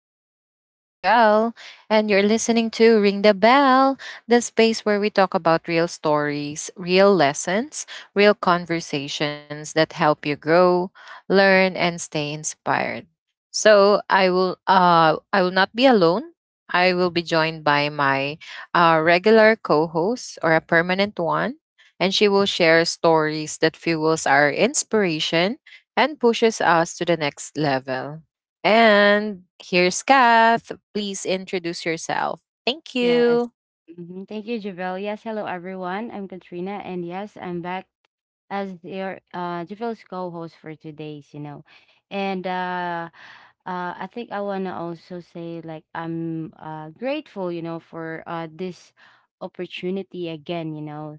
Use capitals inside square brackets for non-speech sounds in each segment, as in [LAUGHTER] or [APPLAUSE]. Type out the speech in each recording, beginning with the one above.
I'm your host Javelle, and you're listening to Ring the Bell, the space where we talk about real stories, real lessons, real conversations that help you grow, learn, and stay inspired. So I will not be alone. I will be joined by my regular co-host or a permanent one, and she will share stories that fuels our inspiration and pushes us to the next level. And here's Kath. Please introduce yourself. Thank Yes. you. Thank you, Javel. Yes, hello everyone. I'm Katrina, and yes, I'm back as your Javel's co-host for today's, you know. And I think I wanna also say like I'm grateful, for this opportunity again,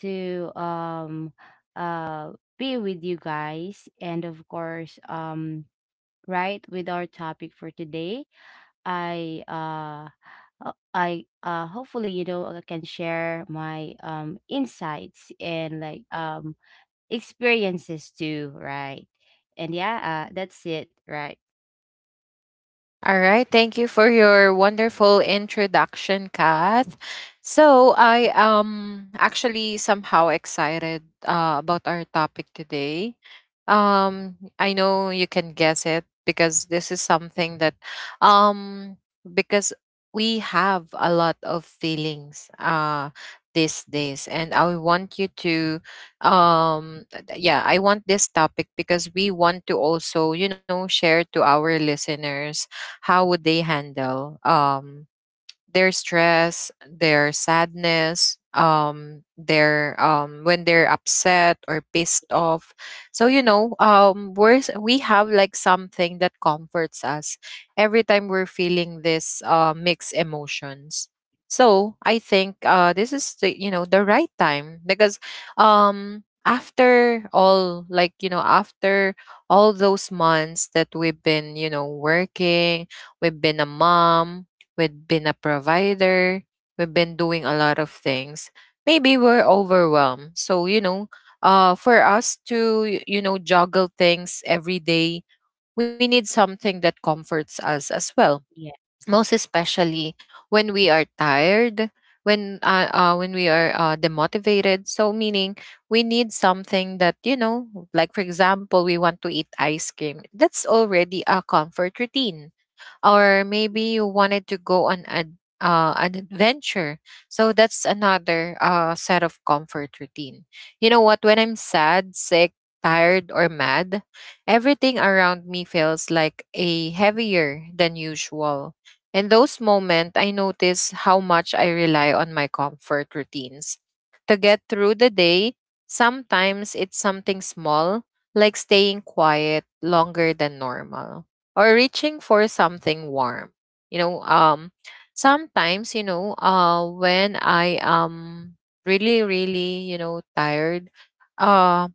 to uh be with you guys, and of course, right, with our topic for today. I uh I hopefully, you know, I can share my insights and like experiences too, right? And yeah, that's it, right? All right. Thank you for your wonderful introduction, Kath. So I am actually somehow excited about our topic today. I know you can guess it because this is something that, um, because we have a lot of feelings these days, and I want you to, um, yeah, I want this topic because we want to also, you know, share to our listeners how would they handle their stress, their sadness, their when they're upset or pissed off. So you know, we have like something that comforts us every time we're feeling this mixed emotions. So I think this is the you know the right time because after all like you know after all those months that we've been you know working we've been a mom. We've been a provider. We've been doing a lot of things. Maybe we're overwhelmed. So, you know, for us to, you know, juggle things every day, we need something that comforts us as well. Yeah. Most especially when we are tired, when we are demotivated. So meaning we need something that you know like for example we want to eat ice cream. That's already a comfort routine, or maybe you wanted to go on a an adventure. So that's another set of comfort routine. You know what? When I'm sad, sick, tired, or mad, everything around me feels like a heavier than usual. In those moments, I notice how much I rely on my comfort routines. To get through the day, sometimes it's something small, like staying quiet longer than normal or reaching for something warm. You know, sometimes, you know, when I am really, really, you know, tired, uh,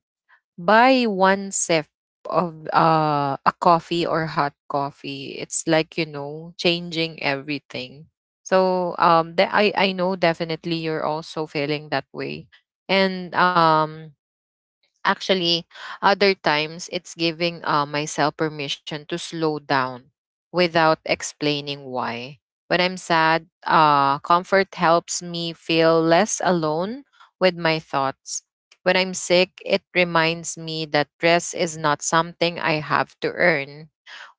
buy one sip of a coffee or hot coffee. It's like, you know, changing everything. So I know definitely you're also feeling that way. And actually, other times it's giving myself permission to slow down without explaining why. When I'm sad, comfort helps me feel less alone with my thoughts. When I'm sick, it reminds me that rest is not something I have to earn.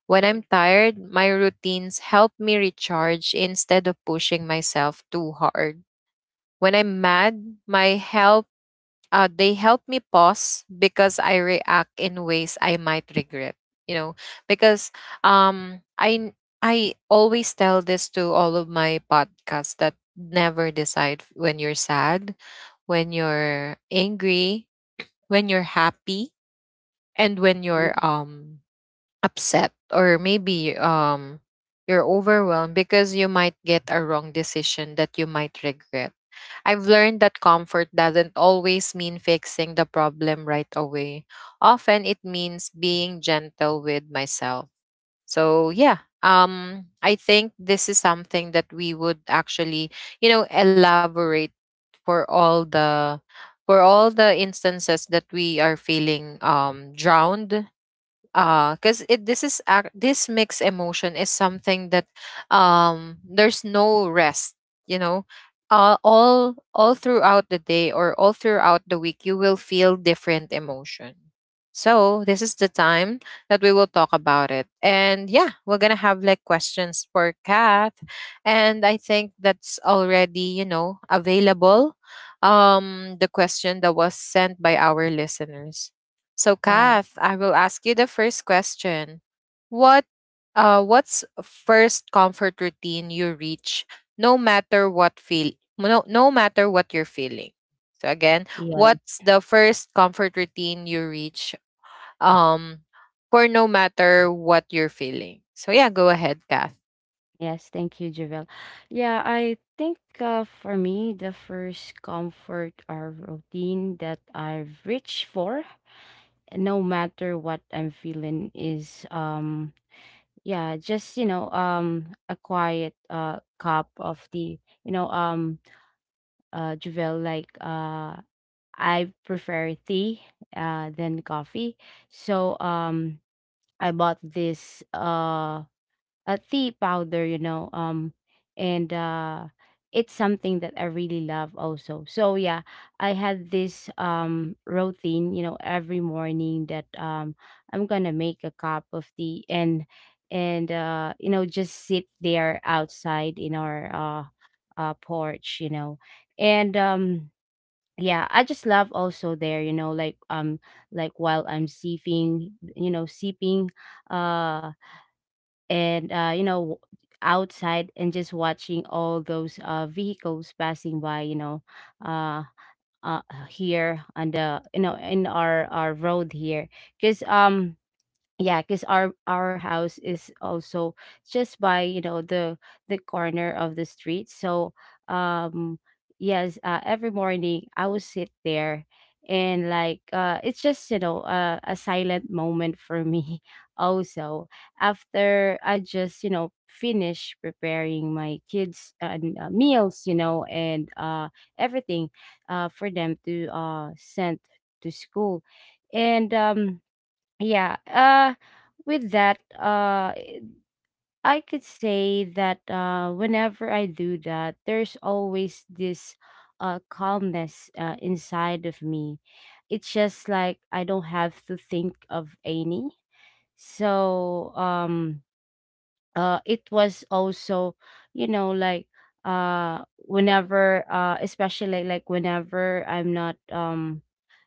When I'm tired, my routines help me recharge instead of pushing myself too hard. When I'm mad, my health they help me pause because I react in ways I might regret. You know, because um, I I always tell this to all of my podcasts that never decide when you're sad, when you're angry, when you're happy, and when Mhm. you're upset or maybe you're overwhelmed because you might get a wrong decision that you might regret. I've learned that comfort doesn't always mean fixing the problem right away. Often it means being gentle with myself. So yeah, I think this is something that we would actually, you know, elaborate for all the for all the instances that we are feeling drowned because it this is ac- this mixed emotion is something that there's no rest, you know. All all throughout the day or all throughout the week you will feel different emotion, so this is the time that we will talk about it. And yeah, we're gonna have like questions for Kath, and I think that's already, you know, available, the question that was sent by our listeners. So, Right. Kath, I will ask you the first question. What what's first comfort routine you reach no matter what you're feeling? So again, Yeah. what's the first comfort routine you reach um for no matter what you're feeling? So yeah, go ahead, Kath. Yes, thank you, Javel. Yeah, I think for me the first comfort or routine that I've reached for, no matter what I'm feeling, is yeah, just, you know, a quiet cup of tea, you know. Javel, like, I prefer tea than coffee. So I bought this tea powder, you know, and it's something that I really love also. So yeah, I had this routine, you know, every morning that I'm gonna make a cup of tea, and you know, just sit there outside in our porch, you know, and yeah, I just love also there, you know, like, while I'm sipping, you know, sipping uh and you know, outside, and just watching all those vehicles passing by, you know. uh, uh, Here on the, you know, in our road here, because yeah, because our house is also just by, you know, the corner of the street. So um yes, every morning I will sit there, and like it's just, you know, a silent moment for me [LAUGHS] also, after I just, you know, finish preparing my kids' meals, you know, and everything, for them to send to school. And yeah. With that, uh it- I could say that whenever I do that, there's always this calmness inside of me. It's just like I don't have to think of any. So it was also, you know, like whenever especially, like whenever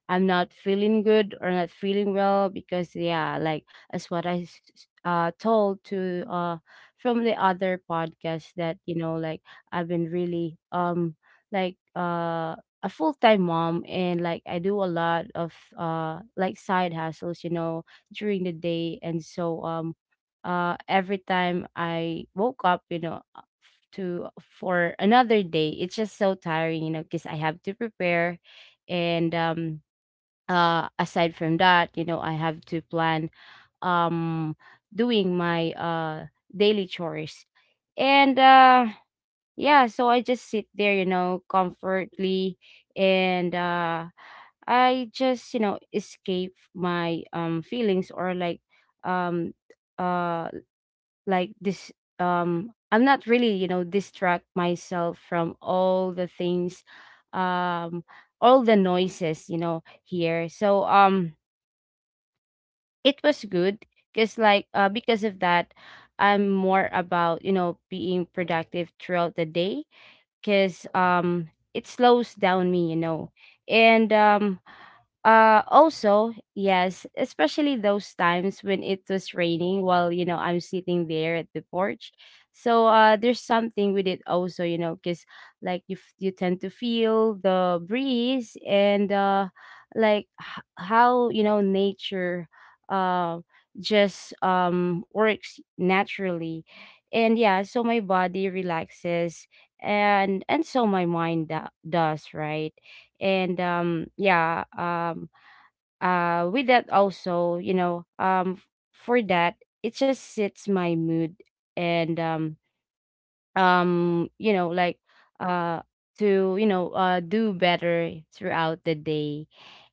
I'm not feeling good or not feeling well. Because yeah, like, as what I told to from the other podcast, that, you know, like, I've been really, like uh a full-time mom, and like I do a lot of side hustles, you know, during the day. And so every time I woke up, you know, f- to for another day, it's just so tiring, you know, because I have to prepare. And aside from that, you know, I have to plan, um doing my daily chores. And yeah, so I just sit there, you know, comfortably, and I just, you know, escape my feelings, or like, um uh like this I'm not really, you know, distract myself from all the things, um all the noises, you know, here. So it was good, because like, because of that, I'm more about, you know, being productive throughout the day, because it slows down me, you know. And also, yes, especially those times when it was raining while, you know, I'm sitting there at the porch. So, there's something with it also, you know, because like you, you tend to feel the breeze, and, how, you know, nature, uh, just, works naturally. And yeah, so my body relaxes, and so my mind does, right? and yeah With that also, you know, for that, it just sets my mood. And you know, like, uh to, you know, do better throughout the day.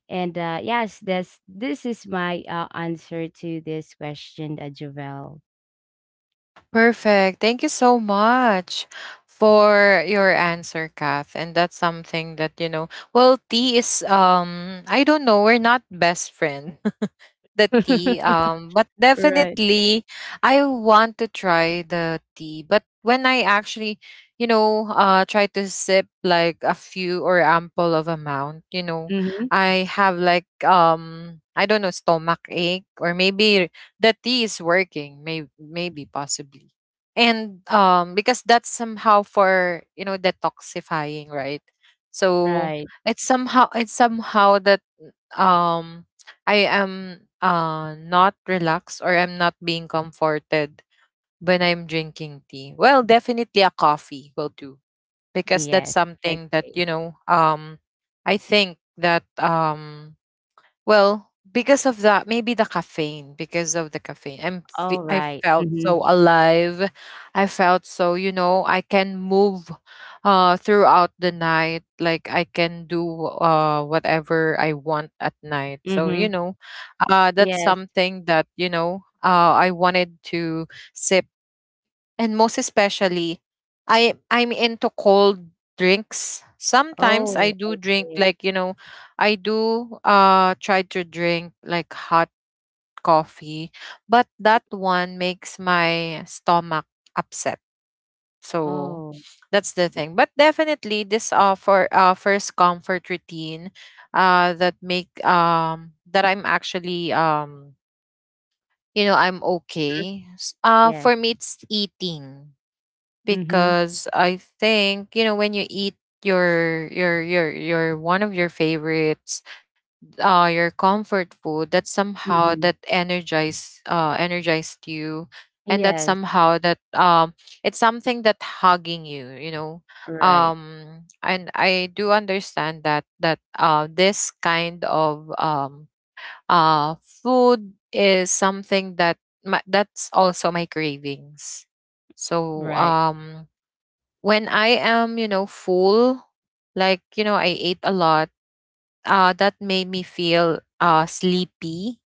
And yes, this is my answer to this question, Javel. Perfect. Thank you so much for your answer, Kath. And that's something that, you know, well, T is I don't know, we're not best friends the tea. [LAUGHS] But Right. definitely, I want to try the tea. But when I actually, you know, try to sip like a few or ample of amount, you know, Mm-hmm. I have like I don't know, stomach ache, or maybe the tea is working. Maybe, maybe possibly. And because that's somehow for you know detoxifying, right? So Right. it's somehow, it's somehow that um I am not relaxed or I'm not being comforted when I'm drinking tea. Well, definitely a coffee will do because that's Yes. something that Okay. you know I think that well, because of that, maybe the caffeine, because of the caffeine, All I right. felt Mm-hmm. so alive. I felt so, you know, I can move throughout the night, like I can do whatever I want at night. So, Mm-hmm. you know, that's Yes. something that, you know, I wanted to sip. And most especially, I'm into cold drinks. Sometimes I Oh, do drink okay. like you know, I do try to drink like hot coffee, but that one makes my stomach upset. So Oh, that's the thing. But definitely this for first comfort routine that make that I'm actually you know I'm okay. Yes. For me it's eating, Mm-hmm. because I think you know when you eat your one of your favorites, your comfort food, that somehow Mm-hmm. that energized you, and that Yes, somehow that it's something that hugging you, you know, right, and I do understand that this kind of food is something that that's also my cravings. So right, when I am, you know, full, like, you know, I ate a lot, that made me feel sleepy.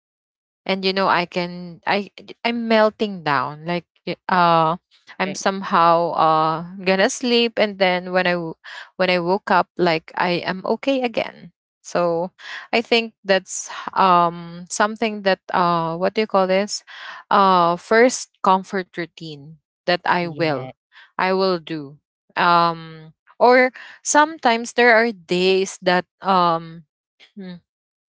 And you know I can I I'm melting down like I'm right. somehow gonna sleep, and then when I woke up like I am okay again. So I think that's something that what do you call this, first comfort routine that I Yeah. will I will do. um or sometimes there are days that hmm,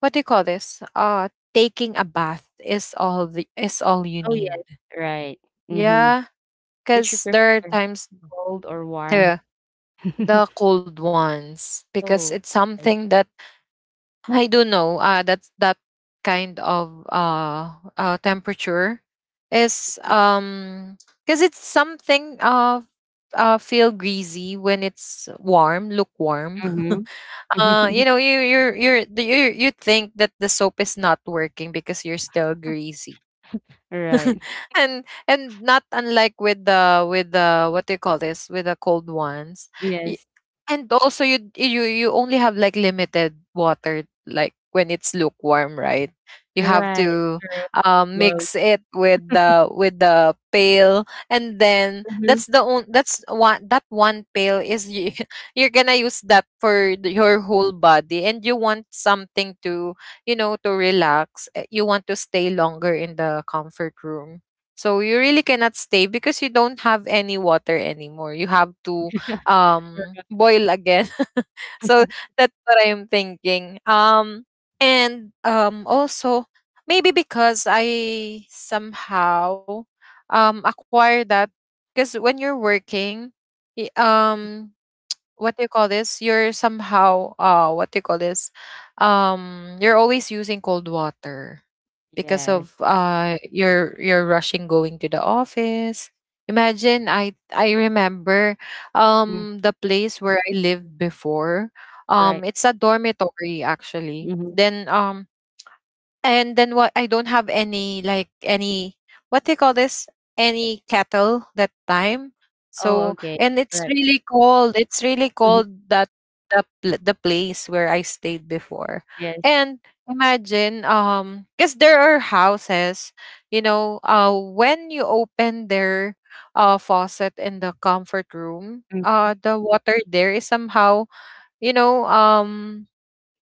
what do you call this? Taking a bath is all the is all you Oh, yes, need. right. Mm-hmm. Yeah, Which you because prefer, there are times cold or warm? the [LAUGHS] the cold ones, because Oh, it's I something that I don't know. That's that kind of temperature is see. Because it's something of feel greasy when it's warm, lukewarm. [LAUGHS] Mhm. You [LAUGHS] know, you you think that the soap is not working because you're still greasy. Right. [LAUGHS] And not unlike with the what do you call this, with the cold ones. Y- Yes. and also you only have like limited water, like when it's lukewarm, right? You have Right. to True. Well, mix it with the pail, and then mhm. That's one, that one pail is you, [LAUGHS] you're gonna use that for your whole body, and you want something to you know, to relax, eh, you want to stay longer in the comfort room. So you really cannot stay because you don't have any water anymore. You have to [LAUGHS] boil again. [LAUGHS] So that's what I'm thinking. And also maybe because I somehow acquired that, because when you're working, y- um what do you call this? You're somehow what do you call this? You're always using cold water because Yes. of you're rushing going to the office. Imagine I remember Mhm. The place where I lived before. Right. It's a dormitory actually. Mhm. Then and then what, I don't have any like any what do you call this? Any kettle that time. Oh, So okay. and it's Right. really cold. It's really Mhm. cold that the place where I stayed before. Yes. And imagine because there are houses, you know, when you open their faucet in the comfort room, Mhm. The water there is somehow, you know,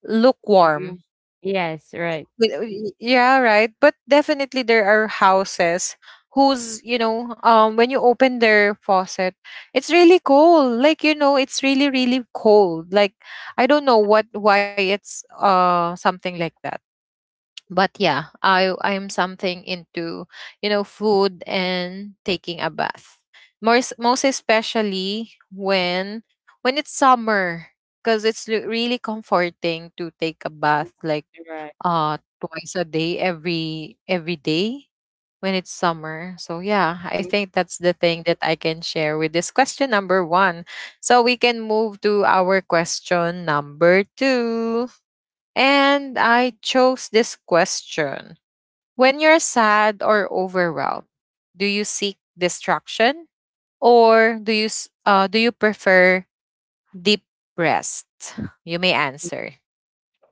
lukewarm. Mhm. Yes, right. Yeah, right. But definitely there are houses whose you know when you open their faucet it's really cold, like you know it's really, really cold, like I don't know what, why it's something like that. But yeah, I'm something into you know food and taking a bath, most especially when it's summer, because it's really comforting to take a Mhm. bath like Right. Twice a day every day when it's summer. So yeah, I Mhm. think that's the thing that I can share with this question number 1. So we can move to our question number 2. And I chose this question. When you're sad or overwhelmed, do you seek distraction or do you prefer deep rest? You may answer.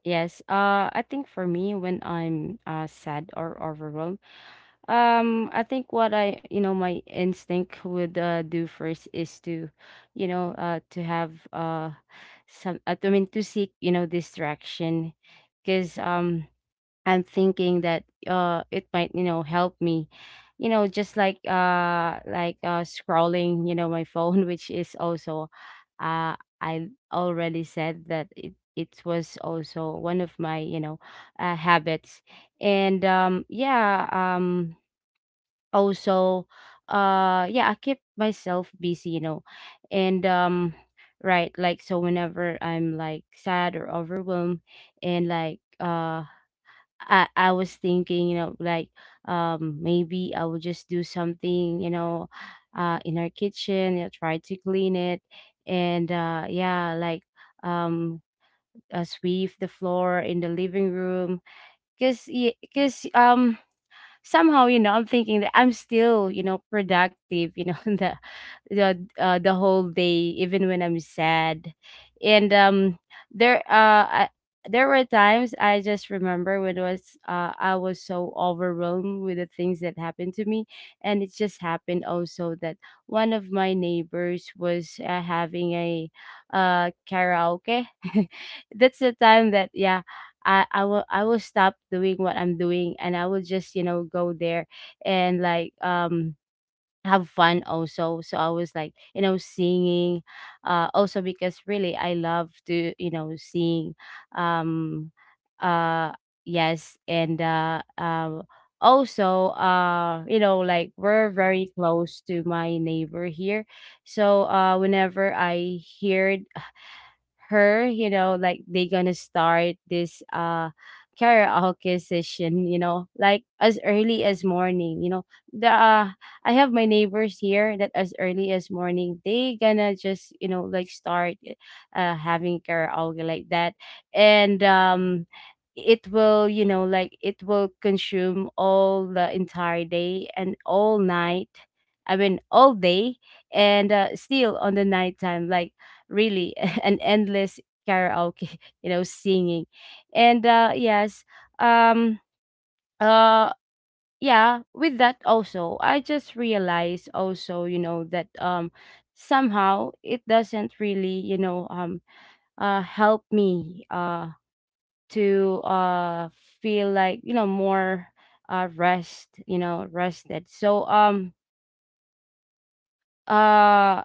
Yes. I think for me, when I'm sad or overwhelmed, I think what I, you know, my instinct would do first is to, you know, to have some. I mean, to seek, you know, distraction, because I'm thinking that it might, you know, help me, you know, just like, scrolling, you know, my phone, [LAUGHS] which is also, I already said that it was also one of my, you know, habits. And yeah, also, yeah, I keep myself busy, you know. And right, like, so whenever I'm like sad or overwhelmed, and like I was thinking, you know, like, maybe I would just do something, you know, in our kitchen, you know, try to clean it, and yeah, like, um sweep the floor in the living room, because because um somehow, you know, I'm thinking that I'm still, you know, productive, you know. [LAUGHS] The the whole day, even when I'm sad. And there I, there were times I just remember, when it was, I was so overwhelmed with the things that happened to me. And it just happened also that one of my neighbors was, having a karaoke. [LAUGHS] That's the time that, yeah, I will stop doing what I'm doing, and I will just, you know, go there, and like have fun also. So I was, like, you know, singing, also because really I love to, you know, sing. um uh yes. And also, you know, like, we're very close to my neighbor here. So whenever I heard her, you know, like, they gonna start this karaoke session, you know, like as early as morning, you know. The I have my neighbors here that as early as morning they gonna just, you know, like start having karaoke like that. And it will, you know, like, it will consume all the entire day and all night. I mean, all day, and still on the nighttime, like, really [LAUGHS] an endless karaoke [LAUGHS] you know, singing. And yes, um uh yeah, with that also, I just realized also, you know, that somehow it doesn't really, you know, help me to feel like, you know, more rest, you know, rested. So uh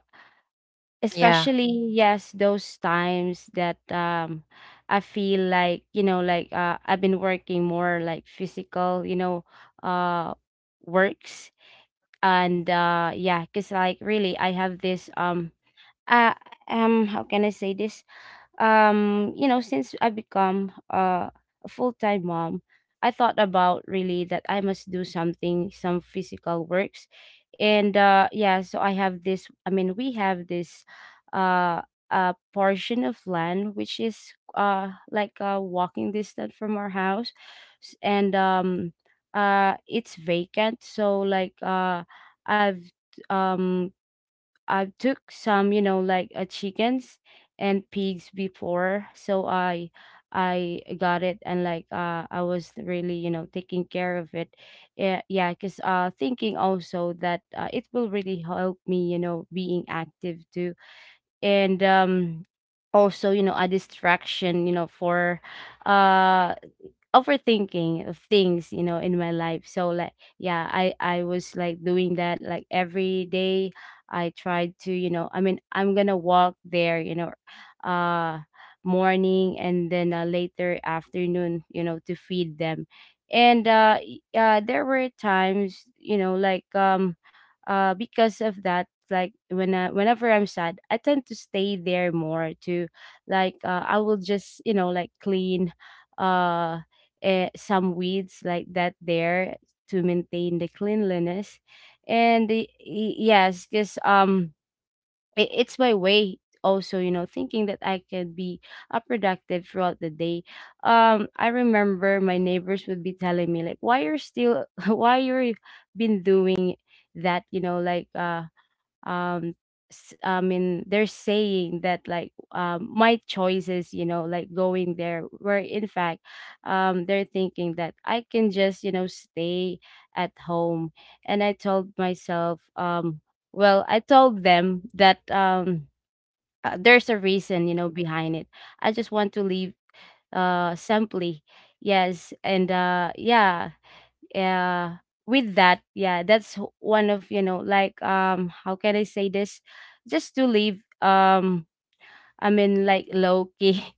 Yeah. especially, yes, those times that I feel like, you know, like, I've been working more, like, physical, you know, uh works. And yeah, because like really I have this uh how can I say this, you know, since I become, a full-time mom, I thought about really that I must do something, some physical works. And yeah, so I have this, I mean, we have this uh a portion of land, which is like a walking distance from our house. And it's vacant. So like i've um I took some, you know, like, chickens and pigs before, so I got it, and like I was really, you know, taking care of it. Yeah, yeah, cuz thinking also that, it will really help me, you know, being active too. And also, a distraction, for uh overthinking of things in my life, so like yeah, I was like doing that like every day. I tried to, I mean, I'm gonna walk there, uh morning and then, later afternoon, to feed them. And there were times, because of that, like when I, whenever I'm sad, I tend to stay there more to, like, I will just, like clean uh some weeds like that there, to maintain the cleanliness. And yes, because it's my way, also, thinking that I could be, productive throughout the day. I remember my neighbors would be telling me, like, why you're still [LAUGHS] why you're been doing that, um I mean they're saying that, like, my choices, like going there, where in fact, they're thinking that I can just, stay at home. And I told myself, well, I told them that, there's a reason, behind it. I just want to leave, simply. Yes. And yeah. uh, with that, yeah, one of, how can I say this, just to live, I mean, like, low key [LAUGHS]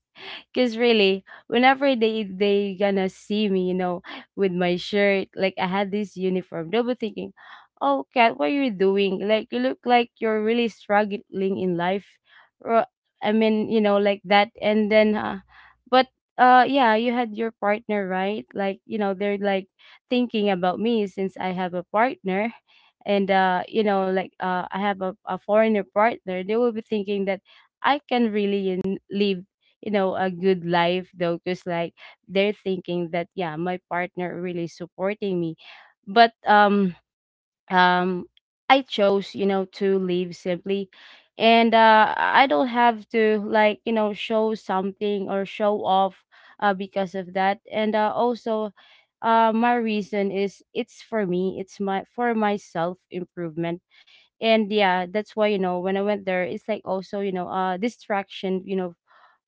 Cause really, whenever they gonna see me, with my shirt, like I had this uniform, they'll be thinking, "Oh, Kat, what are you doing? Like you look like you're really struggling in life." Or, I mean, like that. And then, but yeah, you had your partner, right? Like, they're like thinking about me since I have a partner. And I have a foreigner partner, they will be thinking that I can really, in, live, a good life, though, because like they're thinking that, yeah, my partner really supporting me. But um I chose, to leave simply. And I don't have to, like, show something or show off, because of that. And also, my reason is, it's for me, it's my, for my self improvement. And yeah, that's why, when I went there, it's like also, distraction, you know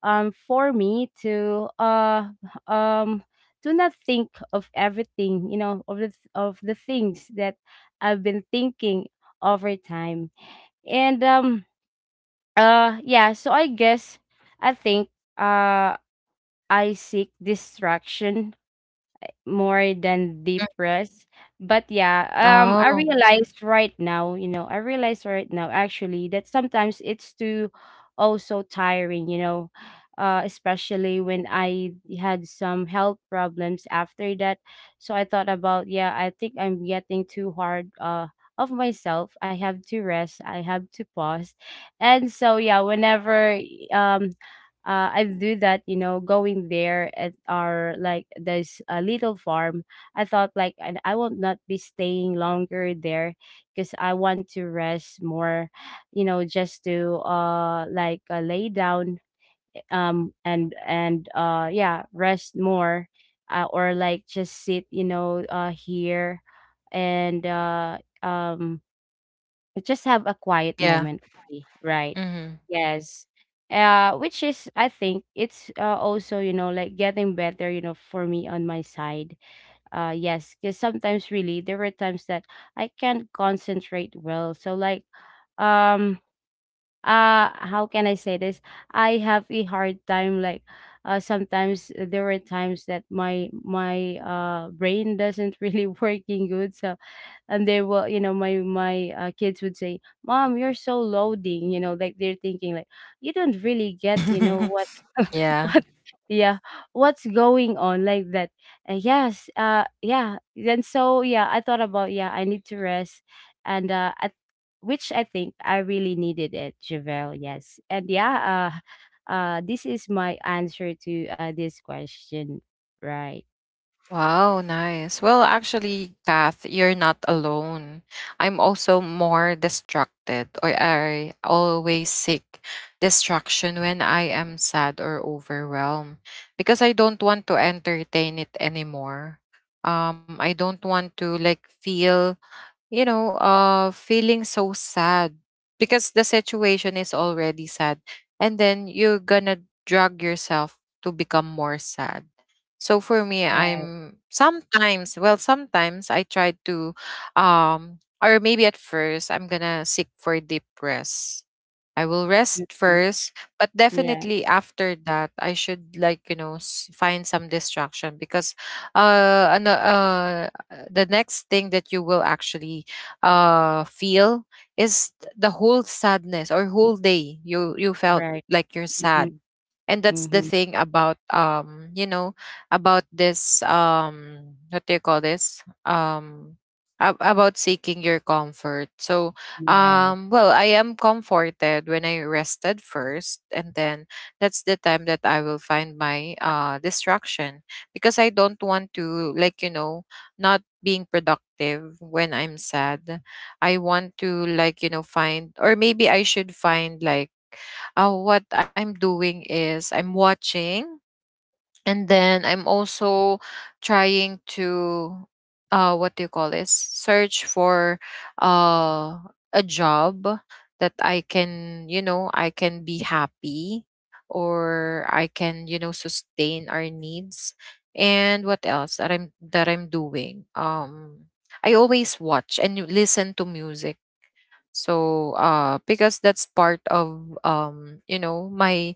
um for me to, um do not think of everything, of the things that I've been thinking over time. And yeah, so I guess, I think, uh I seek distraction more than deep rest. But yeah, Oh, I realized right now, actually, that sometimes it's too, also, tiring, especially when I had some health problems after that. So I thought about, yeah, I think I'm getting too hard, of myself. I have to rest. I have to pause. And so yeah, whenever, um I do that, going there at our, like, this little farm. I thought, like, and I will not be staying longer there, because I want to rest more, just to, like, lay down, and yeah, rest more, or, like, just sit, here, and um just have a quiet yeah. moment, right? Mm-hmm. Yes. Which is, I think, it's, also, like getting better, for me on my side. Yes, because sometimes really there were times that I can't concentrate well. So, like, um, how can I say this? I have a hard time, like, sometimes there were times that my brain doesn't really [LAUGHS] working good. So, and they will, my kids would say, mom, you're so loading, like they're thinking, like, you don't really get, [LAUGHS] what [LAUGHS] Yeah. what, yeah, what's going on, like that. And yes, yeah, then, so yeah, I thought about, yeah, I need to rest. And I, which I think I really needed it, Javel. Yes. And yeah. This is my answer to, this question. Right. Wow, nice. Well, actually, Kath, you're not alone. I'm also more distracted, or I always seek distraction when I am sad or overwhelmed because I don't want to entertain it anymore. I don't want to like feeling so sad because the situation is already sad. And then you're gonna drag yourself to become more sad. So for me, Right. Well, sometimes I try to, or maybe at first, I'm gonna seek for deep rest. I will rest Mhm. first, but Yeah. definitely after that, I should, like, find some distraction because uh, ano, uh the next thing that you will actually feel is the whole sadness, or whole day you felt Right. like you're Hmm. sad, and that's the thing about about this, what do you call this, about seeking your comfort. So, Yes. Well, I am comforted when I rested first, and then that's the time that I will find my distraction, because I don't want to, like, not being productive when I'm sad. I want to, like, find, or maybe I should find, like, what I'm doing is I'm watching, and then I'm also trying to what do you call this, search for uh a job that I can be happy, or I can sustain our needs. And what else that I'm doing? I always watch and you listen to music. So, because that's part of, my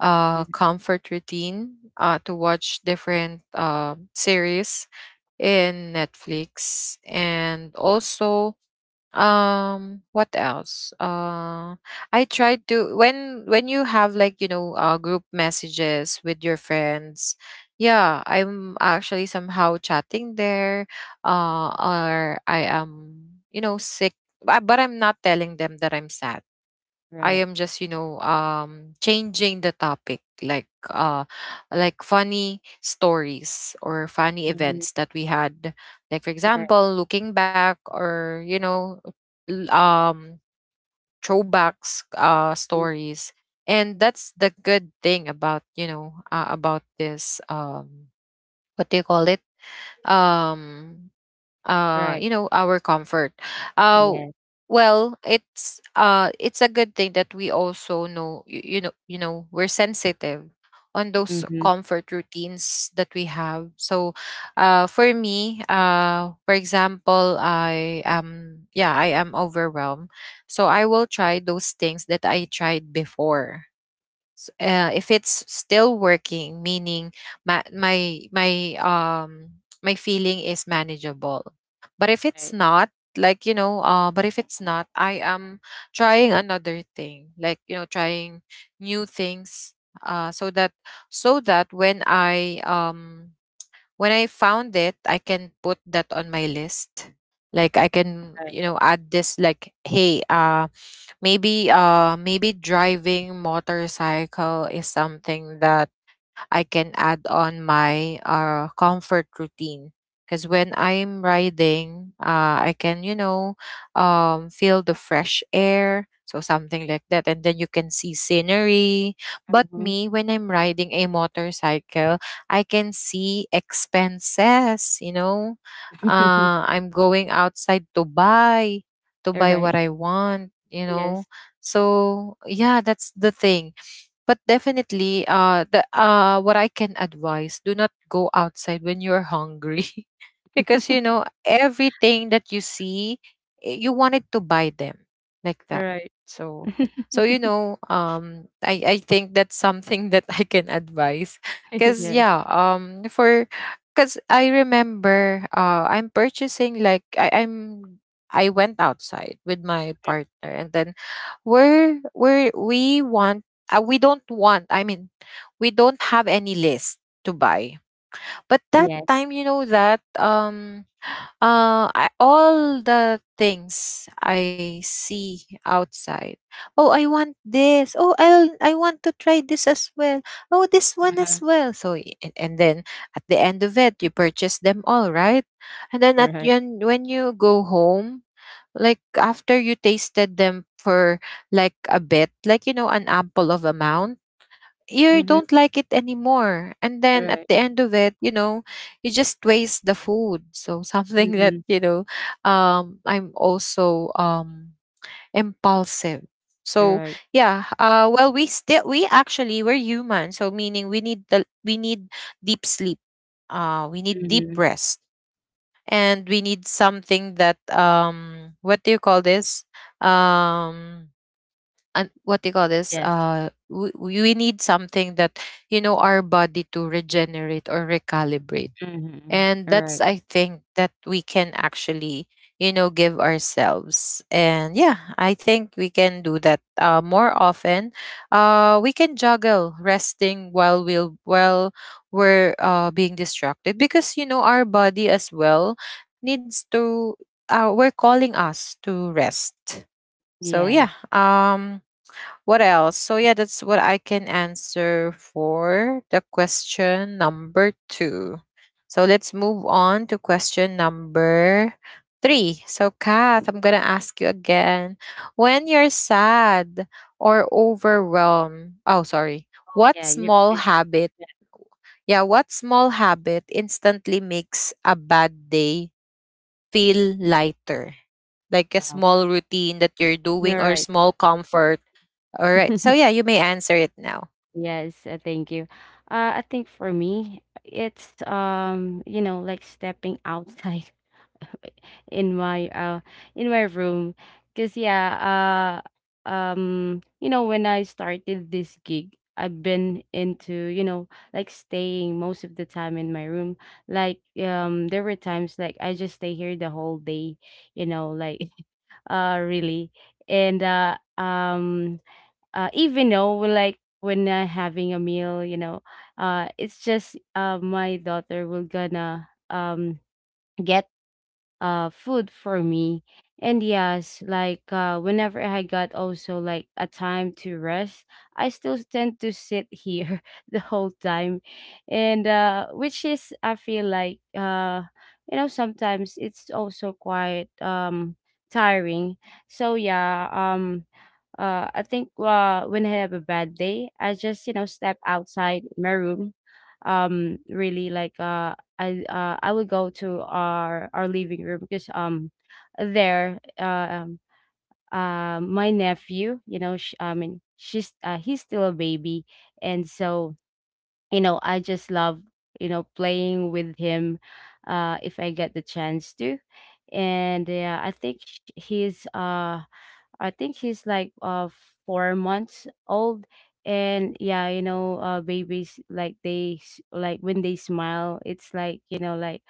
Mhm. comfort routine, to watch different, series in Netflix. And also, what else? I tried to, when you have, like, group messages with your friends, yeah, I'm actually somehow chatting there. Or I am, sick, but I'm not telling them that I'm sad. I Right. am just, changing the topic, like, like funny stories or funny Mhm. events that we had. Like, for Right. example, looking back, or, l- um, throwbacks, Mm. stories. And that's the good thing about, about this, what do you call it? Um, Right. Our comfort. uh Yes. well, it's a good thing that we also know, you, you know we're sensitive on those Mhm. comfort routines that we have. So, for me, for example, I am overwhelmed, so I will try those things that I tried before. If it's still working, meaning my feeling is manageable, but if it's Right. not but if it's not, I am trying another thing, like, trying new things. Uh so that so that when I found it, I can put that on my list, like I can, Right. Add this, like, hey, maybe driving motorcycle is something that I can add on my comfort routine. Because when I'm riding, I can, feel the fresh air. So something like that. And then you can see scenery. But Mhm. me, when I'm riding a motorcycle, I can see expenses. [LAUGHS] I'm going outside to buy, what Right. I want. Yes. So, yeah, that's the thing. But definitely, the what I can advise: do not go outside when you're hungry, [LAUGHS] because [LAUGHS] everything that you see, you wanted to buy them, like that. Right. So, [LAUGHS] so, I think that's something [LAUGHS] that I can advise, [LAUGHS] because, Yes. yeah, for because I remember, I'm purchasing like I I'm I went outside with my partner, and then we want, we don't want I mean, we don't have any list to buy, but that Yes. time, that, all the things I see outside, oh, I want this, oh, I'll I want to try this as well, oh, this one as Uh-huh. well. So, and then at the end of it, you purchase them, all right? And then at the Right. end, when you go home, like after you tasted them for like a bit, like, you know, an ample of amount, you Mhm. don't like it anymore, and then at Right. the end of it, you just waste the food. [LAUGHS] So something that, Mhm. you know, I'm also, impulsive. So, Right. yeah, well, we're human, so meaning we need deep sleep, we need deep Mhm. rest. And we need something that, what do you call this? um and what do you call this? Yes. We need something that, our body, to regenerate or recalibrate. Mhm. And that's, Right. I think, that we can actually, give ourselves. And, yeah, I think we can do that, more often. We can juggle resting while we're, being distracted, because, our body as well needs to, we're calling us to rest. So, yeah, Yes. What else? So, yeah, that's what I can answer for the question number two. So let's move on to question number three. So, Kath, I'm gonna ask you again. When you're sad or overwhelmed, oh, sorry, Oh, what yeah. You small fish habit that yeah, what small habit instantly makes a bad day feel lighter? Like a out. small routine that you're All doing, or right. small comfort, all right. So, [LAUGHS] yeah, you may answer it now. Yes, thank you. I think for me, it's, like stepping outside, in my uh in my room. Because yeah, when I started this gig, I've been into, like staying most of the time in my room. Like, there were times like I just stay here the whole day, like [LAUGHS] really. And even though, like, when I'm having a meal, it's just, my daughter will gonna, get food for me. And yes, like, whenever I got also like a time to rest, I still tend to sit here [LAUGHS] the whole time. And which is, I feel like, sometimes it's also quite, tiring. So yeah. I think, when I have a bad day, I just, step outside my room. Really, like, I would go to our living room, because, there um my nephew, you know sh I mean, she's he's still a baby. And so, I just love, playing with him, if I get the chance to. And yeah, I think, he's like, 4 months old, and yeah, babies, like, like when they smile, it's, like,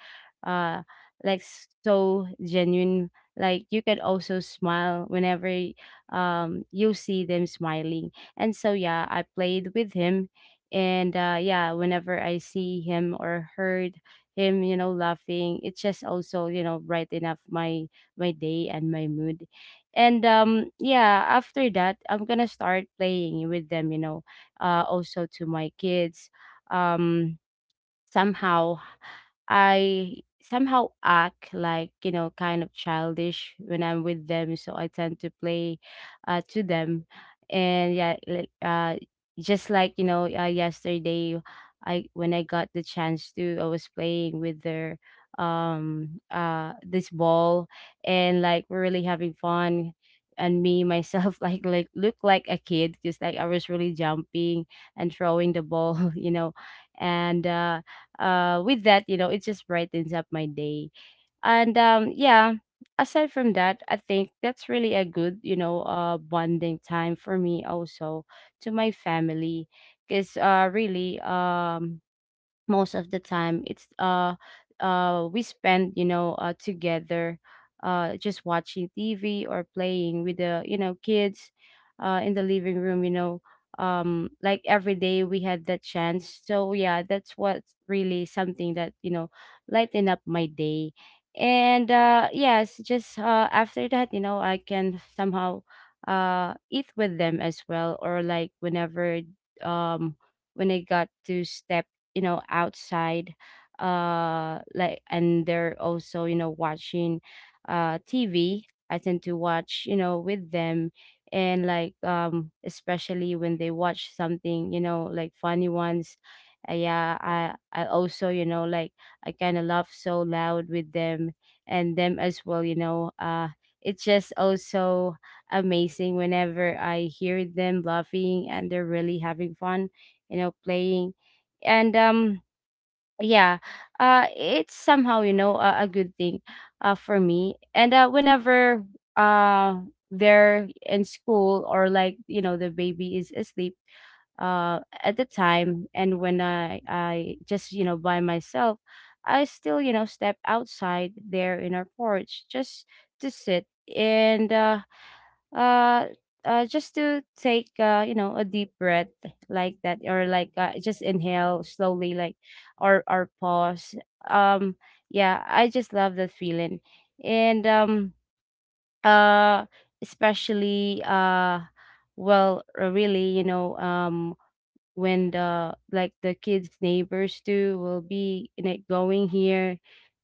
uh, like so genuine. Like, you can also smile whenever, you see them smiling, and so yeah, I played with him, and yeah, whenever I see him or heard him, laughing, it just also, brighten up my day and my mood. And yeah, after that I'm gonna start playing with them, also to my kids. um Somehow, I somehow act like, kind of childish when I'm with them. So I tend to play, to them. And yeah, just like, yesterday, I, when I got the chance to, I was playing with their, this ball, and like we're really having fun, and me myself [LAUGHS] like look like a kid, because like I was really jumping and throwing the ball [LAUGHS] . And with that, it just brightens up my day. And yeah. Aside from that, I think that's really a good, bonding time for me, also, to my family. Because, really, most of the time, it's, we spend, together, just watching TV or playing with the, kids, in the living room. Like every day we had that chance, so yeah, that's what's really something that, lighten up my day. And yes, just, after that, I can somehow, eat with them as well. Or, like, whenever, um when I got to step, outside, like, and they're also, watching TV, I tend to watch, with them. And, like, especially when they watch something, like funny ones, yeah, I also, like, I kind of laugh so loud with them. And them as well, it's just also amazing whenever I hear them laughing and they're really having fun, playing. And yeah. It's somehow, a good thing, for me. And whenever, uh they're in school, or like, the baby is asleep, at the time, and when I just, by myself, I still, step outside there in our porch, just to sit, and uh, just to take, a deep breath like that, or like, just inhale slowly, like, or pause. um yeah, I just love that feeling. And um uh especially, well, really, when the, like, the kids neighbors too will be, like, going here.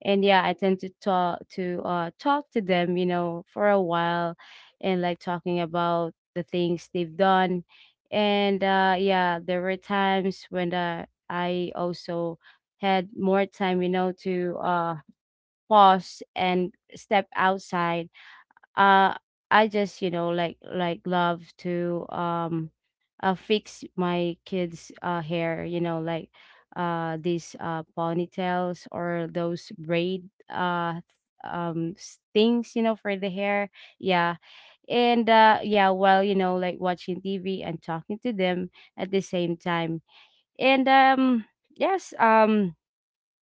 And yeah, I tend to talk to them, for a while, and like talking about the things they've done. And yeah, there were times when, I also had more time, to, pause and step outside. uh I just, like love to, fix my kids hair, like, these, ponytails or those braid, things, for the hair. Yeah. And yeah, while, like watching TV and talking to them at the same time. And yes.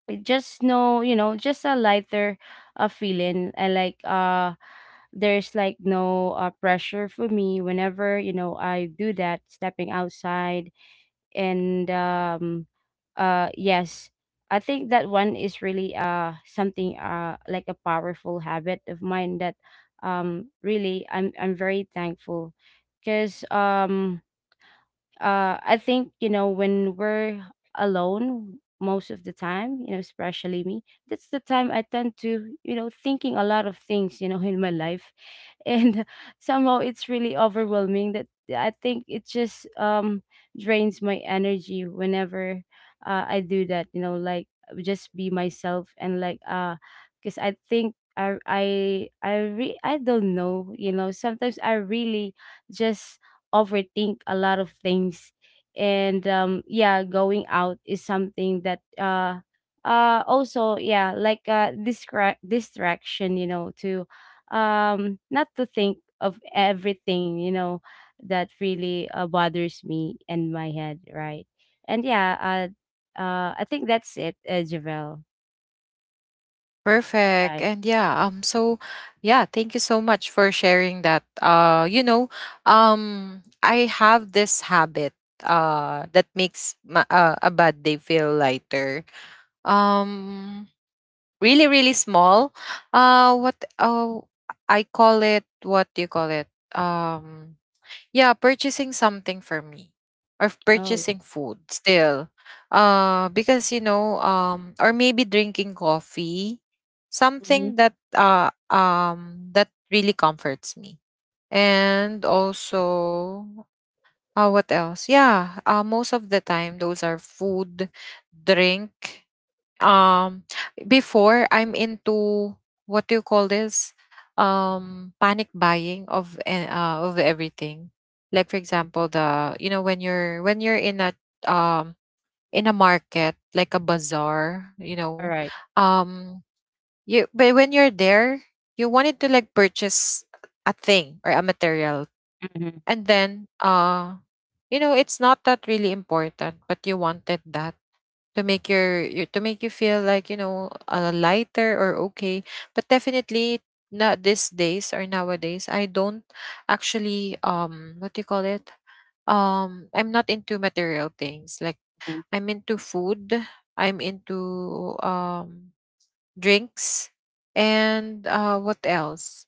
It just, no, just a lighter, feeling, and like, there's, like, no, pressure for me whenever, I do that, stepping outside. And yes, I think that one is really, something, like a powerful habit of mine, that, really, I'm very thankful. Because, I think, when we're alone most of the time, especially me, that's the time I tend to, thinking a lot of things, in my life. And [LAUGHS] somehow it's really overwhelming, that I think it just, drains my energy whenever, I do that, like, just be myself, and like, because I think, I don't know, sometimes I really just overthink a lot of things. And yeah, going out is something that, also, yeah, like, distraction, to, not to think of everything, That really bothers me and my head, right? And yeah, I think that's it, Javel, Perfect. right? And, yeah, so, yeah, thank you so much for sharing that. I have this habit that makes, a bad day feel lighter. Um Really, really small. What, I call it, what do you call it? Um Yeah, purchasing something for me, or Oh. purchasing food still. Because, you know, or maybe drinking coffee, Mm-hmm. something that really comforts me. And also, what else? Yeah, most of the time those are food, drink, um, before I'm into, what do you call this? Panic buying of, of everything. Like, for example, the you know when you're in a, um market, like a bazaar, All right. um, you but when you're there, you wanted to, like, purchase a thing or a material, Mm-hmm. and then, it's not that really important, but you wanted that to make you feel, like, lighter or okay. But definitely not these days, or nowadays I don't actually, what do you call it? I'm not into material things. Like, I'm into food, I'm into, drinks. And, what else?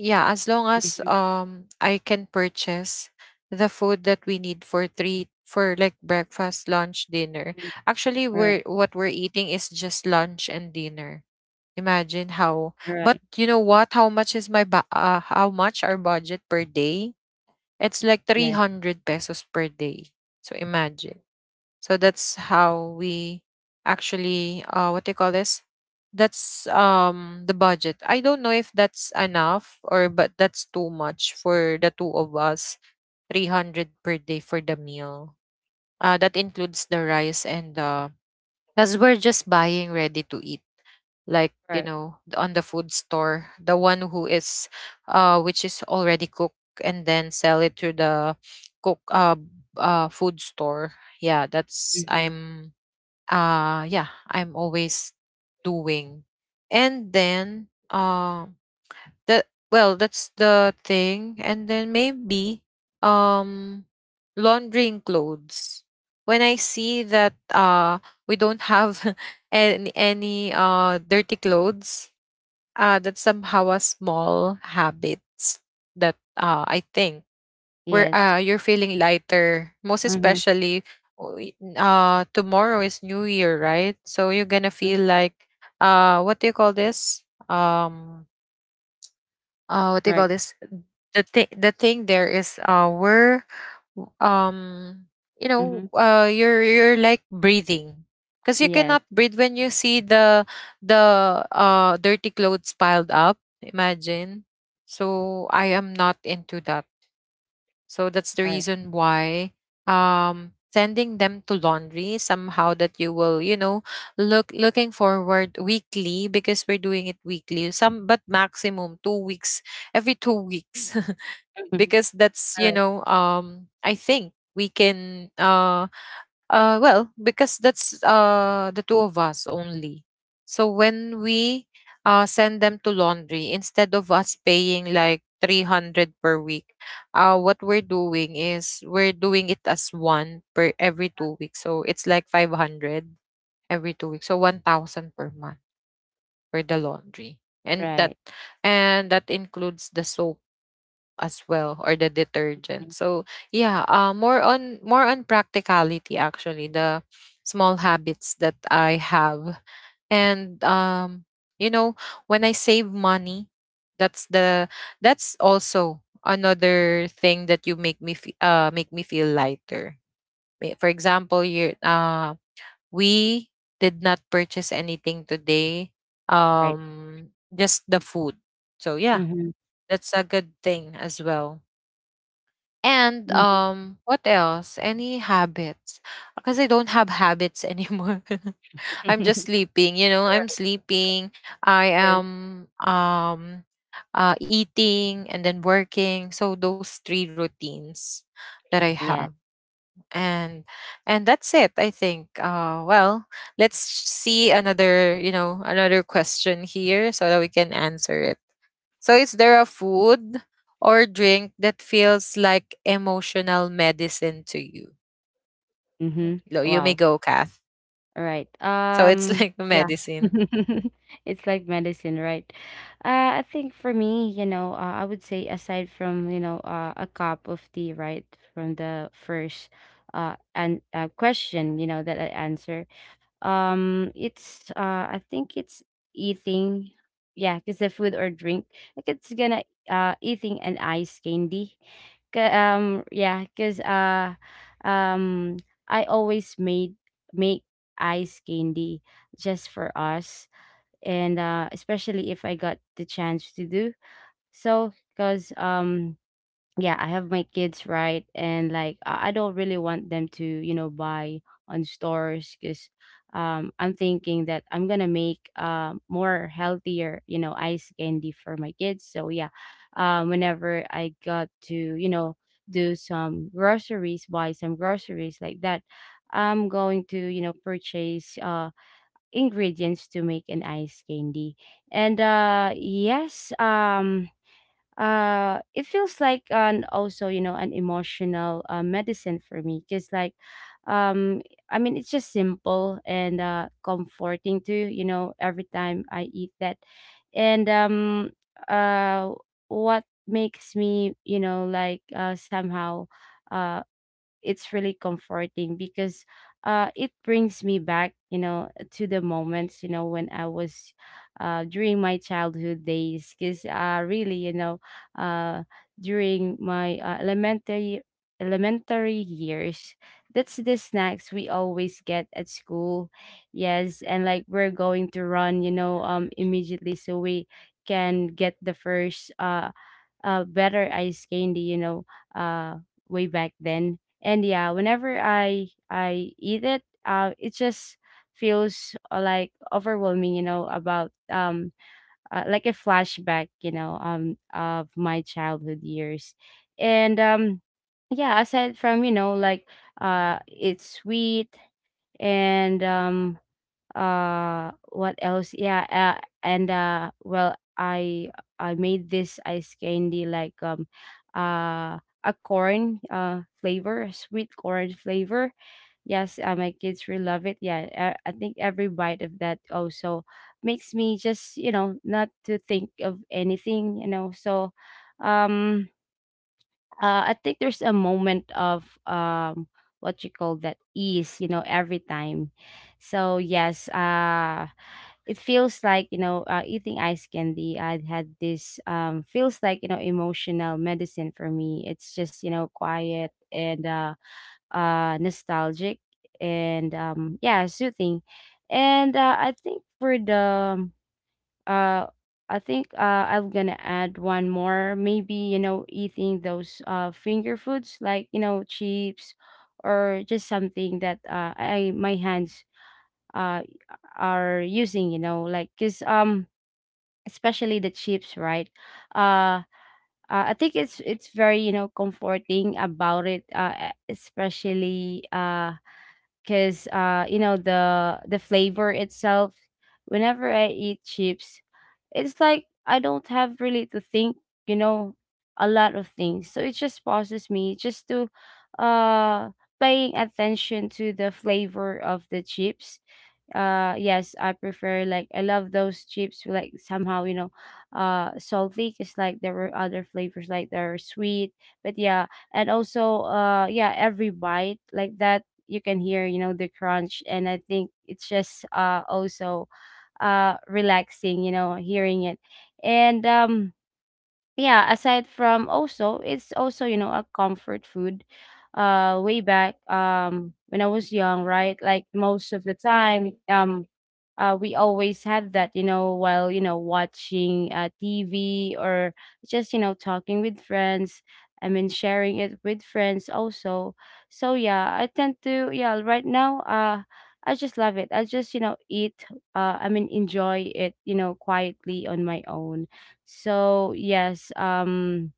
Yeah, as long as, Mm-hmm. I can purchase the food that we need for three, for like breakfast, lunch, dinner. Mm-hmm. Actually, we're Right. what we're eating is just lunch and dinner. Imagine how. All But right. you know what? How much is how much our budget per day? It's like Yes. 300 pesos per day. So imagine. So that's how we actually, what do you call this? That's, the budget. I don't know if that's enough, or, but that's too much for the two of us. 300 per day for the meal. That includes the rice, and the cuz we're just buying ready to eat, like, you Right. know, on the food store, the one who is, which is already cooked, and then sell it to the cook, food store. Yeah, that's, Mm-hmm. I'm, yeah, I'm always doing. And then, that well, that's the thing. And then, maybe, um laundering clothes, when I see that, we don't have [LAUGHS] any dirty clothes, that's somehow a small habits that, I think, where, Yes. You're feeling lighter. Most Mhm. especially, tomorrow is New Year, right? So you're gonna Mm. feel like, what do you call this? What do you call Right. this? The thing there is, we're, um, you know, Mhm. You're like breathing. Because you Yes. cannot breathe when you see the dirty clothes piled up. Imagine. So I am not into that. So that's the Right. reason why, sending them to laundry, somehow that you will, looking forward weekly, because we're doing it weekly. Some, but maximum 2 weeks, every 2 weeks. Mhm. Because that's [LAUGHS] you Right. know um I think we can well because that's the two of us only. So when we send them to laundry, instead of us paying like 300 per week, what we're doing is we're doing it as one per every 2 weeks, so it's like 500 every 2 weeks, so 1000 per month for the laundry. And that Right. and that includes the soap as well, or the Mm. detergent. So yeah, more on practicality. Actually, the small habits that I have, and you know, when I save money, that's the that's also another thing that you make me make me feel lighter. For example, you we did not purchase anything today. Right. Just the food. So yeah, Mhm. that's a good thing as well. And Mhm. What else? Any habits? Because I don't have habits anymore. [LAUGHS] I'm just [LAUGHS] sleeping. You know, I'm Right. sleeping. I Yes. am eating and then working. So those three routines that I Yeah. have, and that's it, I think. Let's see another. You know, another question here so that we can answer it. So is there a food or drink that feels like emotional medicine to you? Mhm. You may Wow. go, Kath. Alright. So it's like [LAUGHS] Yeah. medicine. [LAUGHS] It's like medicine, right? I think for me, you know, I would say aside from, you know, a cup of tea, right, from the first and question, you know, that I answer. Um it's uh i think it's eating. Yeah, because the food or drink, like it's gonna eating an ice candy. Yeah, because um I always made make ice candy just for us. And especially if I got the chance to do so, because yeah, I have my kids, right? And like I don't really want them to, you know, buy on stores because I'm thinking that I'm gonna make more healthier, you know, ice candy for my kids. So yeah, whenever I got to, you know, do some groceries, buy some groceries like that, I'm going to, you know, purchase ingredients to make an ice candy. And yes, it feels like an also, you know, an emotional medicine for me because like um I mean, it's just simple and comforting too, you know, every time I eat that. And uh what makes me, you know, like somehow uh it's really comforting because it brings me back, you know, to the moments, you know, when I was during my childhood days, because really, you know, uh during my elementary years, that's the snacks we always get at school. Yes, and like we're going to run, you know, immediately so we can get the first better ice candy, you know, uh, way back then. And yeah, whenever I eat it, it just feels like overwhelming, you know, about like a flashback, you know, of my childhood years. And yeah, aside from, you know, like it's sweet. And what else? Yeah, and well, I made this ice candy like uh a corn flavor, a sweet corn flavor. Yes, my kids really love it. Yeah, I think every bite of that also makes me just, you know, not to think of anything, you know. So um I think there's a moment of what you call that ease, you know, every time. So yes, it feels like, you know, eating ice candy, I had this feels like, you know, emotional medicine for me. It's just, you know, quiet and nostalgic and yeah, soothing. And I think for the uh I think I'm gonna add one more. Maybe, you know, eating those finger foods like, you know, chips or just something that I my hands uh are using, you know, like cause especially the chips, right? Uh I think it's very, you know, comforting about it, especially because you know, the flavor itself whenever I eat chips, it's like I don't have really to think, you know, a lot of things. So it just pauses me just to uh paying attention to the flavor of the chips. Yes, I prefer like I love those chips, like somehow, you know, salty, because like there were other flavors like they're sweet, but yeah. And also yeah, every bite like that, you can hear, you know, the crunch, and I think it's just also relaxing, you know, hearing it. And yeah, aside from, also it's also, you know, a comfort food way back when I was young, right? Like most of the time, we always had that, you know, while, you know, watching TV or just, you know, talking with friends. I mean, sharing it with friends also. So yeah, I tend to, yeah, right now I just love it. I just, you know, eat, I mean enjoy it, you know, quietly on my own. So yes, um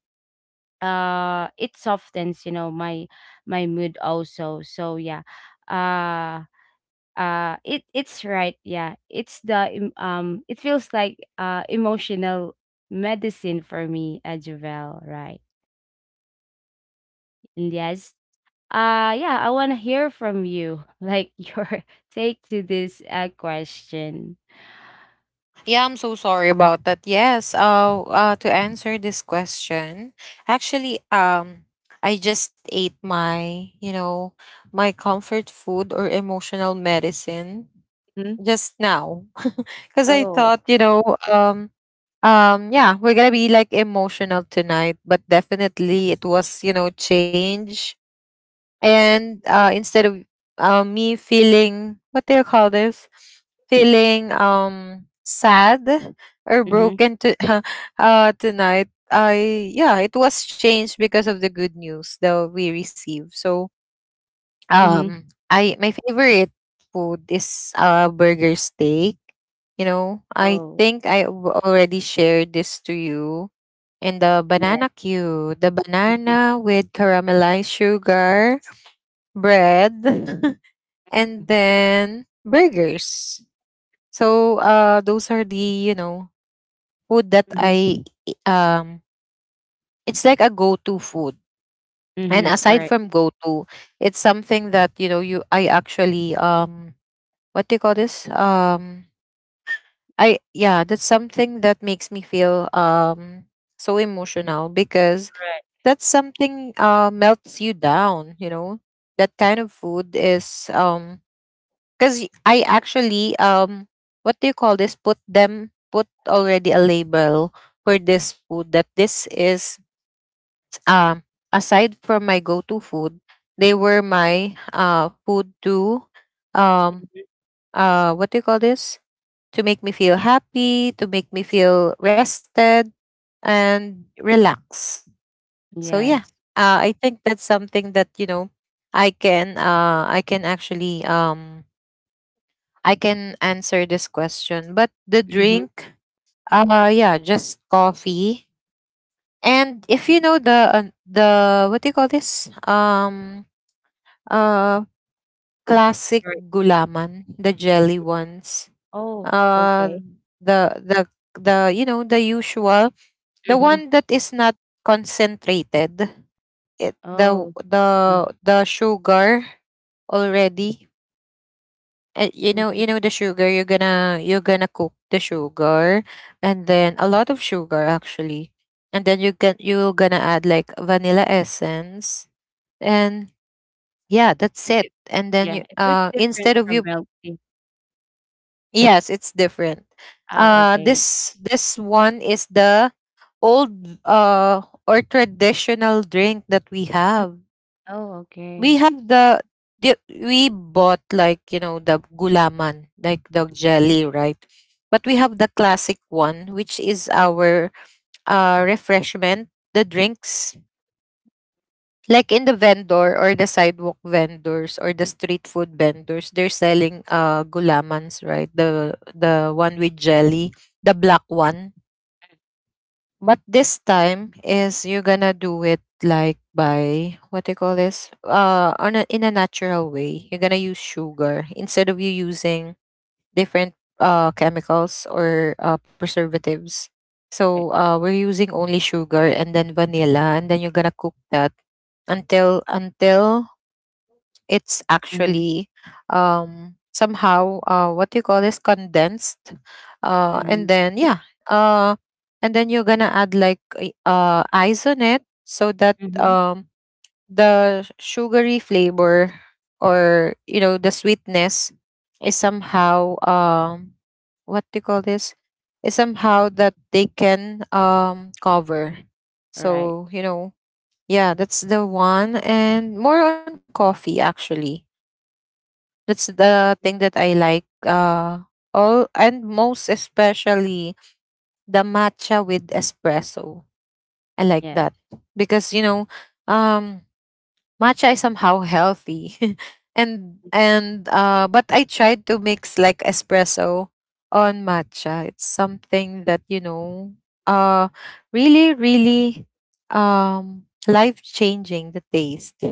uh it softens, you know, my mood also. So yeah, uh it it's right, yeah, it's the it feels like emotional medicine for me, Ajvel, right? And yes, yeah, I want to hear from you [LAUGHS] like your [LAUGHS] take to this question. Yeah, I'm so sorry about that. Yes, to answer this question, actually I just ate my, you know, my comfort food or emotional medicine Mhm. just now. [LAUGHS] Cuz I Oh. thought, you know, um yeah, we're gonna be like emotional tonight, but definitely it was, you know, change. And instead of me feeling, what do you call this, feeling sad or Mhm. broken to [LAUGHS] tonight, I yeah, it was changed because of the good news that we received. So Mhm. um I my favorite food is burger steak. You know, I Oh. think already shared this to you, and the Yeah. banana queue, the Mhm. banana with caramelized sugar, bread, [LAUGHS] and then burgers. So those are the, you know, food that Mhm. I it's like a go-to food. And Mhm. aside Right. from go-to, it's something that, you know, you I actually what do you call this? I yeah, that's something that makes me feel so Mhm. emotional, because Right. that's something melts you down, you know. That kind of food is because I actually what do you call this, put already a label for this food, that this is um aside from my go-to food, they were my food to um Mhm. What do you call this, to make me feel happy, to make me feel rested and relaxed. So yeah, Yes. I think that's something that, you know, I can actually I can answer this question. But the Mhm. drink, yeah, just coffee. And if you know the, what do you call this, uh classic Right. gulaman, the jelly ones, Oh, okay. uh the the the, you know, the usual, the Mhm. one that is not concentrated. It Oh. Mhm. The sugar already, and you know, Mhm. you know, the sugar, you're gonna, you're gonna cook the sugar, and then a lot of sugar actually, and then you can, you're gonna add like vanilla essence, and yeah, that's It's it. And di yeah, then you so it's different instead of from you, milk tea. yes, it's different. Oh, okay. This, this one is the old uh or traditional drink that we Mm. have. Oh, okay. We have the, we bought like, you know, the gulaman, like the jelly, right? But we have the classic one, which is our refreshment, the drinks, like in the vendor, or the sidewalk vendors, or the street food vendors, they're selling gulamans, right? The one with jelly, the black one. But this time is you're gonna do it like by, what do you call this? On a, in a natural way. You're gonna use sugar instead of you using different chemicals or preservatives. Right. So we're using only sugar and then vanilla, and then you're gonna cook that until it's Mhm, actually somehow what do you call this, condensed, and mhm, then yeah. uh and then you're gonna add like ice on it, so that mhm. The sugary flavor, or you know, the sweetness is somehow what do you call this, is somehow that they can cover, Right. so you know. Yeah, that's the one. And more on coffee, actually, that's the thing Mhm. that I like. All, and most especially the matcha with espresso. I like that Yes. because, you know, um, matcha is somehow healthy, [LAUGHS] and but I tried to mix like espresso on matcha. It's something that, you know, uh, really, life changing the taste.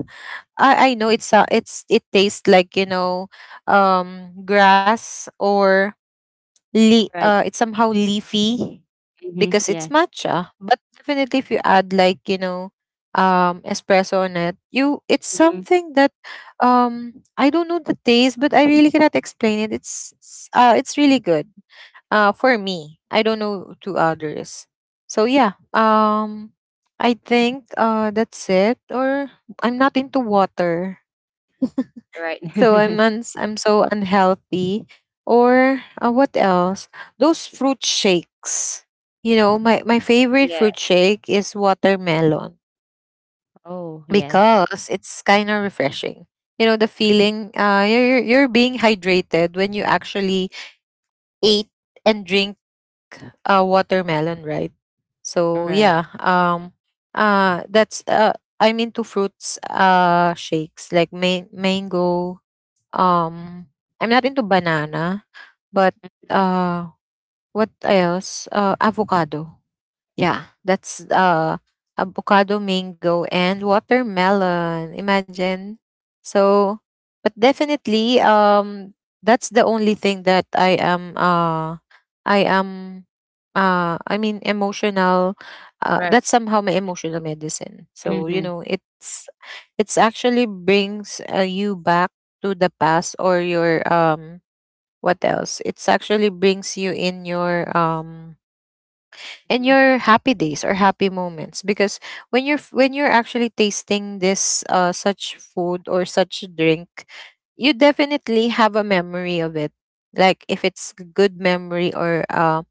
I know it's it tastes like, you know, grass, or Right. It's somehow leafy, Mhm. because it's Yes. matcha. But definitely if you add like, you know, espresso on it, you, it's Mhm. something that I don't know the taste, but I really cannot explain it. It's really good for me. I don't know to others. So yeah, I think that's it. Or I'm not into water, Right. so [LAUGHS] I'm so unhealthy. Or what else? Those fruit shakes. You know, my favorite Yeah. fruit shake is watermelon, Oh, yes. because it's kind of refreshing. You know, the feeling, you're being hydrated when you actually ate and drink watermelon, right? So Right. yeah, that's I'm into fruits shakes like mango. Um, I'm not into banana, but, uh, what else? Avocado. Yeah, that's, avocado, mango, and watermelon. Imagine. So, but definitely, that's the only thing that I am emotional. Right. That's somehow my emotional medicine, so you Mhm. know, it's actually brings you back to the past, or your what else, it's actually brings you in your and Mhm. your happy days or happy moments, because when you're actually tasting this such food or such drink, you definitely have a memory of it, like if it's a good memory, or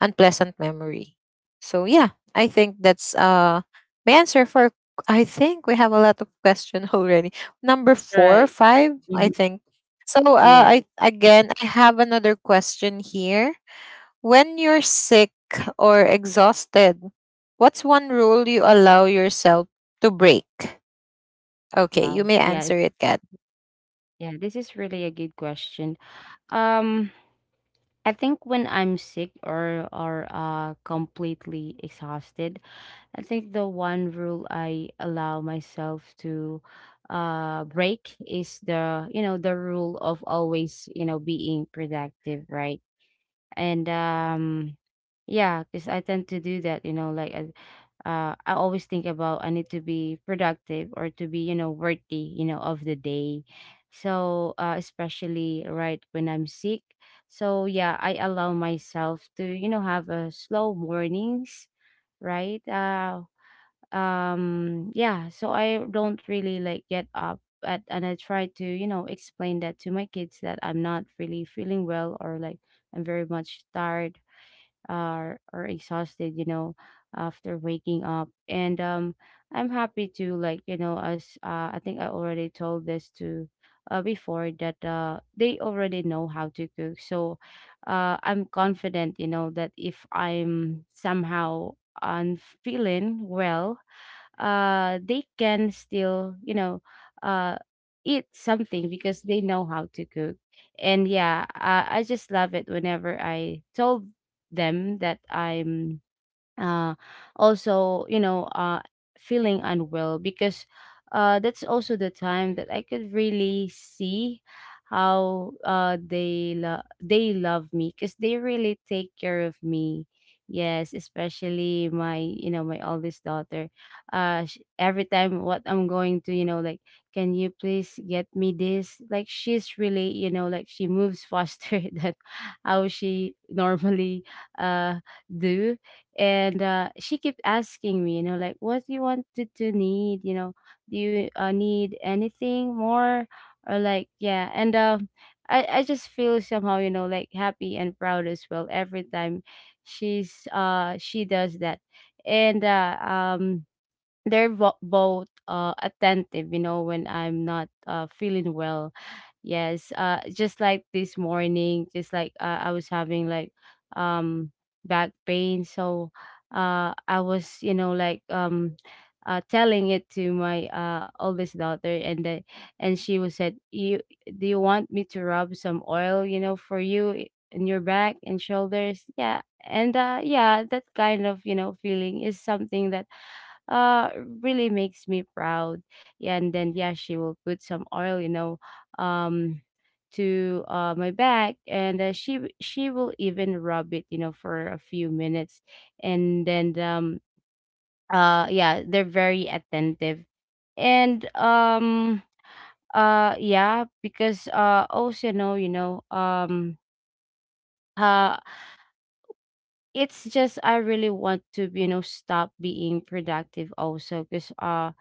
unpleasant memory. So yeah, I think that's my answer for, I think we have a lot of question [LAUGHS] already, number four Right. five I Mhm. think. So Yes. I have another question here. When you're sick or exhausted, what's one rule you allow yourself to break? Okay, Wow. you may Yes. answer it, Kat. Yeah, this is really a good question. Um I think when I'm sick or completely exhausted, I think the one rule I allow myself to break is the, you know, the rule of always, you know, being productive, right? And yeah, because I tend to do that, you know, like I always think about I need to be productive or to be, you know, worthy, you know, of the day. So especially right when I'm sick. So yeah, I allow myself to, you know, have a slow mornings, right? Yeah, so I don't really like get up at, and I try to, you know, explain that to my kids that I'm not really feeling well, or like I'm very much tired, or exhausted, you know, after waking up. And I'm happy to like, you know, as I think I already told this to before that they already know how to cook. So I'm confident, you know, that if I'm somehow unfeeling well, they can still, you know, uh, eat something because they know how to cook. And yeah, I just love it whenever I told them that I'm uh, also, you know, feeling unwell, because that's also the time that I could really see how they love me, because they really take care of me. Yes, especially my, you know, my oldest daughter. Every time what I'm going to, you know, like, can you please get me this? Like she's really, you know, like she moves faster [LAUGHS] than how she normally uh do. And she kept asking me, you know, like, what do you want to, need, you know, do you need anything more, or like yeah. And I just feel somehow, you know, like happy and proud as well every time she's she does that. And they're both attentive, you know, when I'm not feeling well. Yes, just like this morning, just like I was having like um back pain. So I was, you know, like telling it to my oldest daughter, and then and she was said, "You do you want me to rub some oil, you know, for you in your back and shoulders?" Yeah, and yeah, that kind of, you know, feeling is something that uh really makes me proud. Yeah, and then yeah, she will put some oil, you know, um to my back, and she will even rub it, you know, for a few minutes. And then yeah, they're very attentive. And yeah, because also know, you know, uh it's just I really want to, you know, stop being productive also, because uh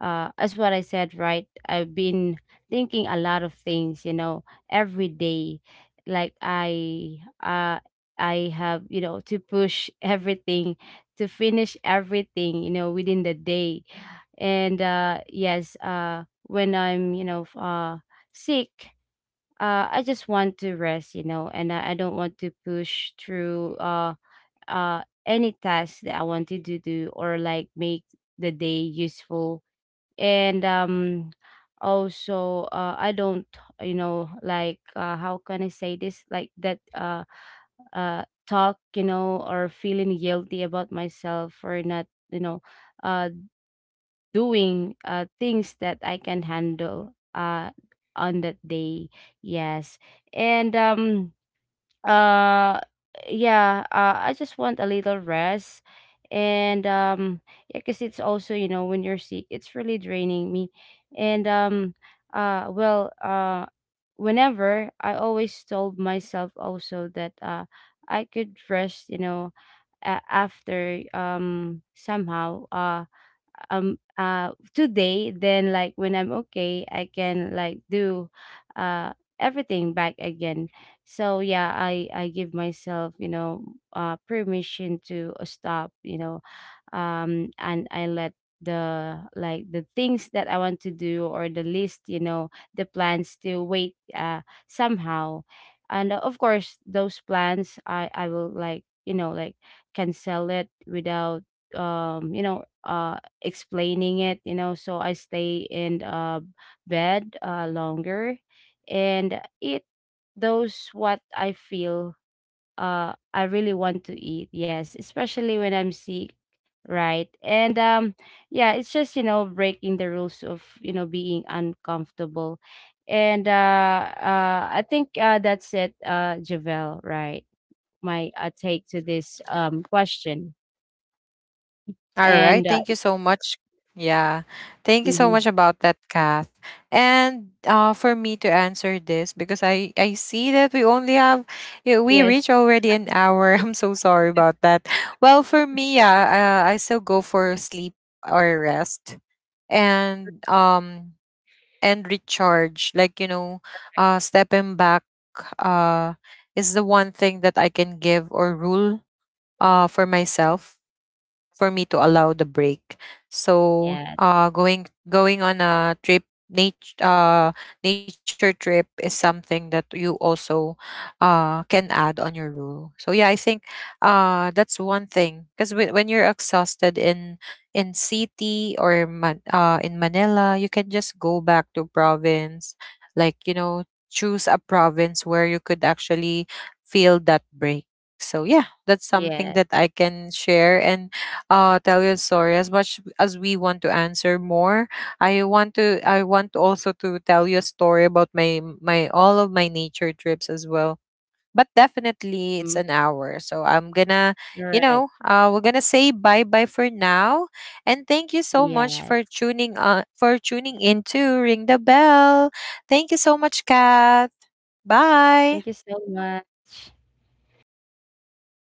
uh as what I said, right? I've been thinking a lot of things, you know, every day. Like I have, you know, to push [LAUGHS] everything, to finish everything, you know, within the day. And yes, when I'm, you know, sick, I just want to rest, you know, and I don't want to push through any task that I wanted to do, or like make the day useful. And also I don't, you know, like how can I say this, like that talk, you know, or feeling guilty about myself for not, you know, uh doing things that I can handle on that day. Yes. And uh yeah, I just want a little rest. And yeah, because it's also, you know, when you're sick, it's really draining me. And uh well uh whenever I always told myself also that I could rest, you know, after somehow today, then like when I'm okay, I can like do uh everything back again. So yeah, I give myself, you know, permission to stop, you know, and I let the like the things that I want to do, or the list, you know, the plans to wait somehow. And of course those plans, I will like, you know, like cancel it without you know, explaining it, you know, so I stay in bed longer and eat those what I feel I really want to eat. Yes, especially when I'm sick, right? And yeah, it's just, you know, breaking the rules of, you know, being uncomfortable. And I think that's it, Javel, right? My take to this question. All right, And thank you so much. Yeah. Thank you so mhm. much about that, Kath. And for me to answer this, because I see that we only have, yeah, we Yes, reach already an hour. [LAUGHS] I'm so sorry about that. Well, for me, yeah, I still go for sleep or rest, and um and recharge. Like, you know, stepping back uh, is the one thing that I can give, or rule for myself, for me to allow the break. So yes, going on a trip, nature, nature trip is something that you also can add on your rule. So yeah, I think that's one thing, because when you're exhausted in city, or in Manila, you can just go back to province, like, you know, choose a province where you could actually feel that break. So yeah, that's yes. something that I can share, and tell your story. As much as we want to answer more, I want also to tell you a story about my, all of my nature trips as well, but Mm, definitely it's an hour, so I'm gonna, alright. you know, we're gonna say bye bye for now. And thank you so Yes. much for tuning, for tuning in to Ring the Bell. Thank you so much, Kat. Thank you Bye. so much.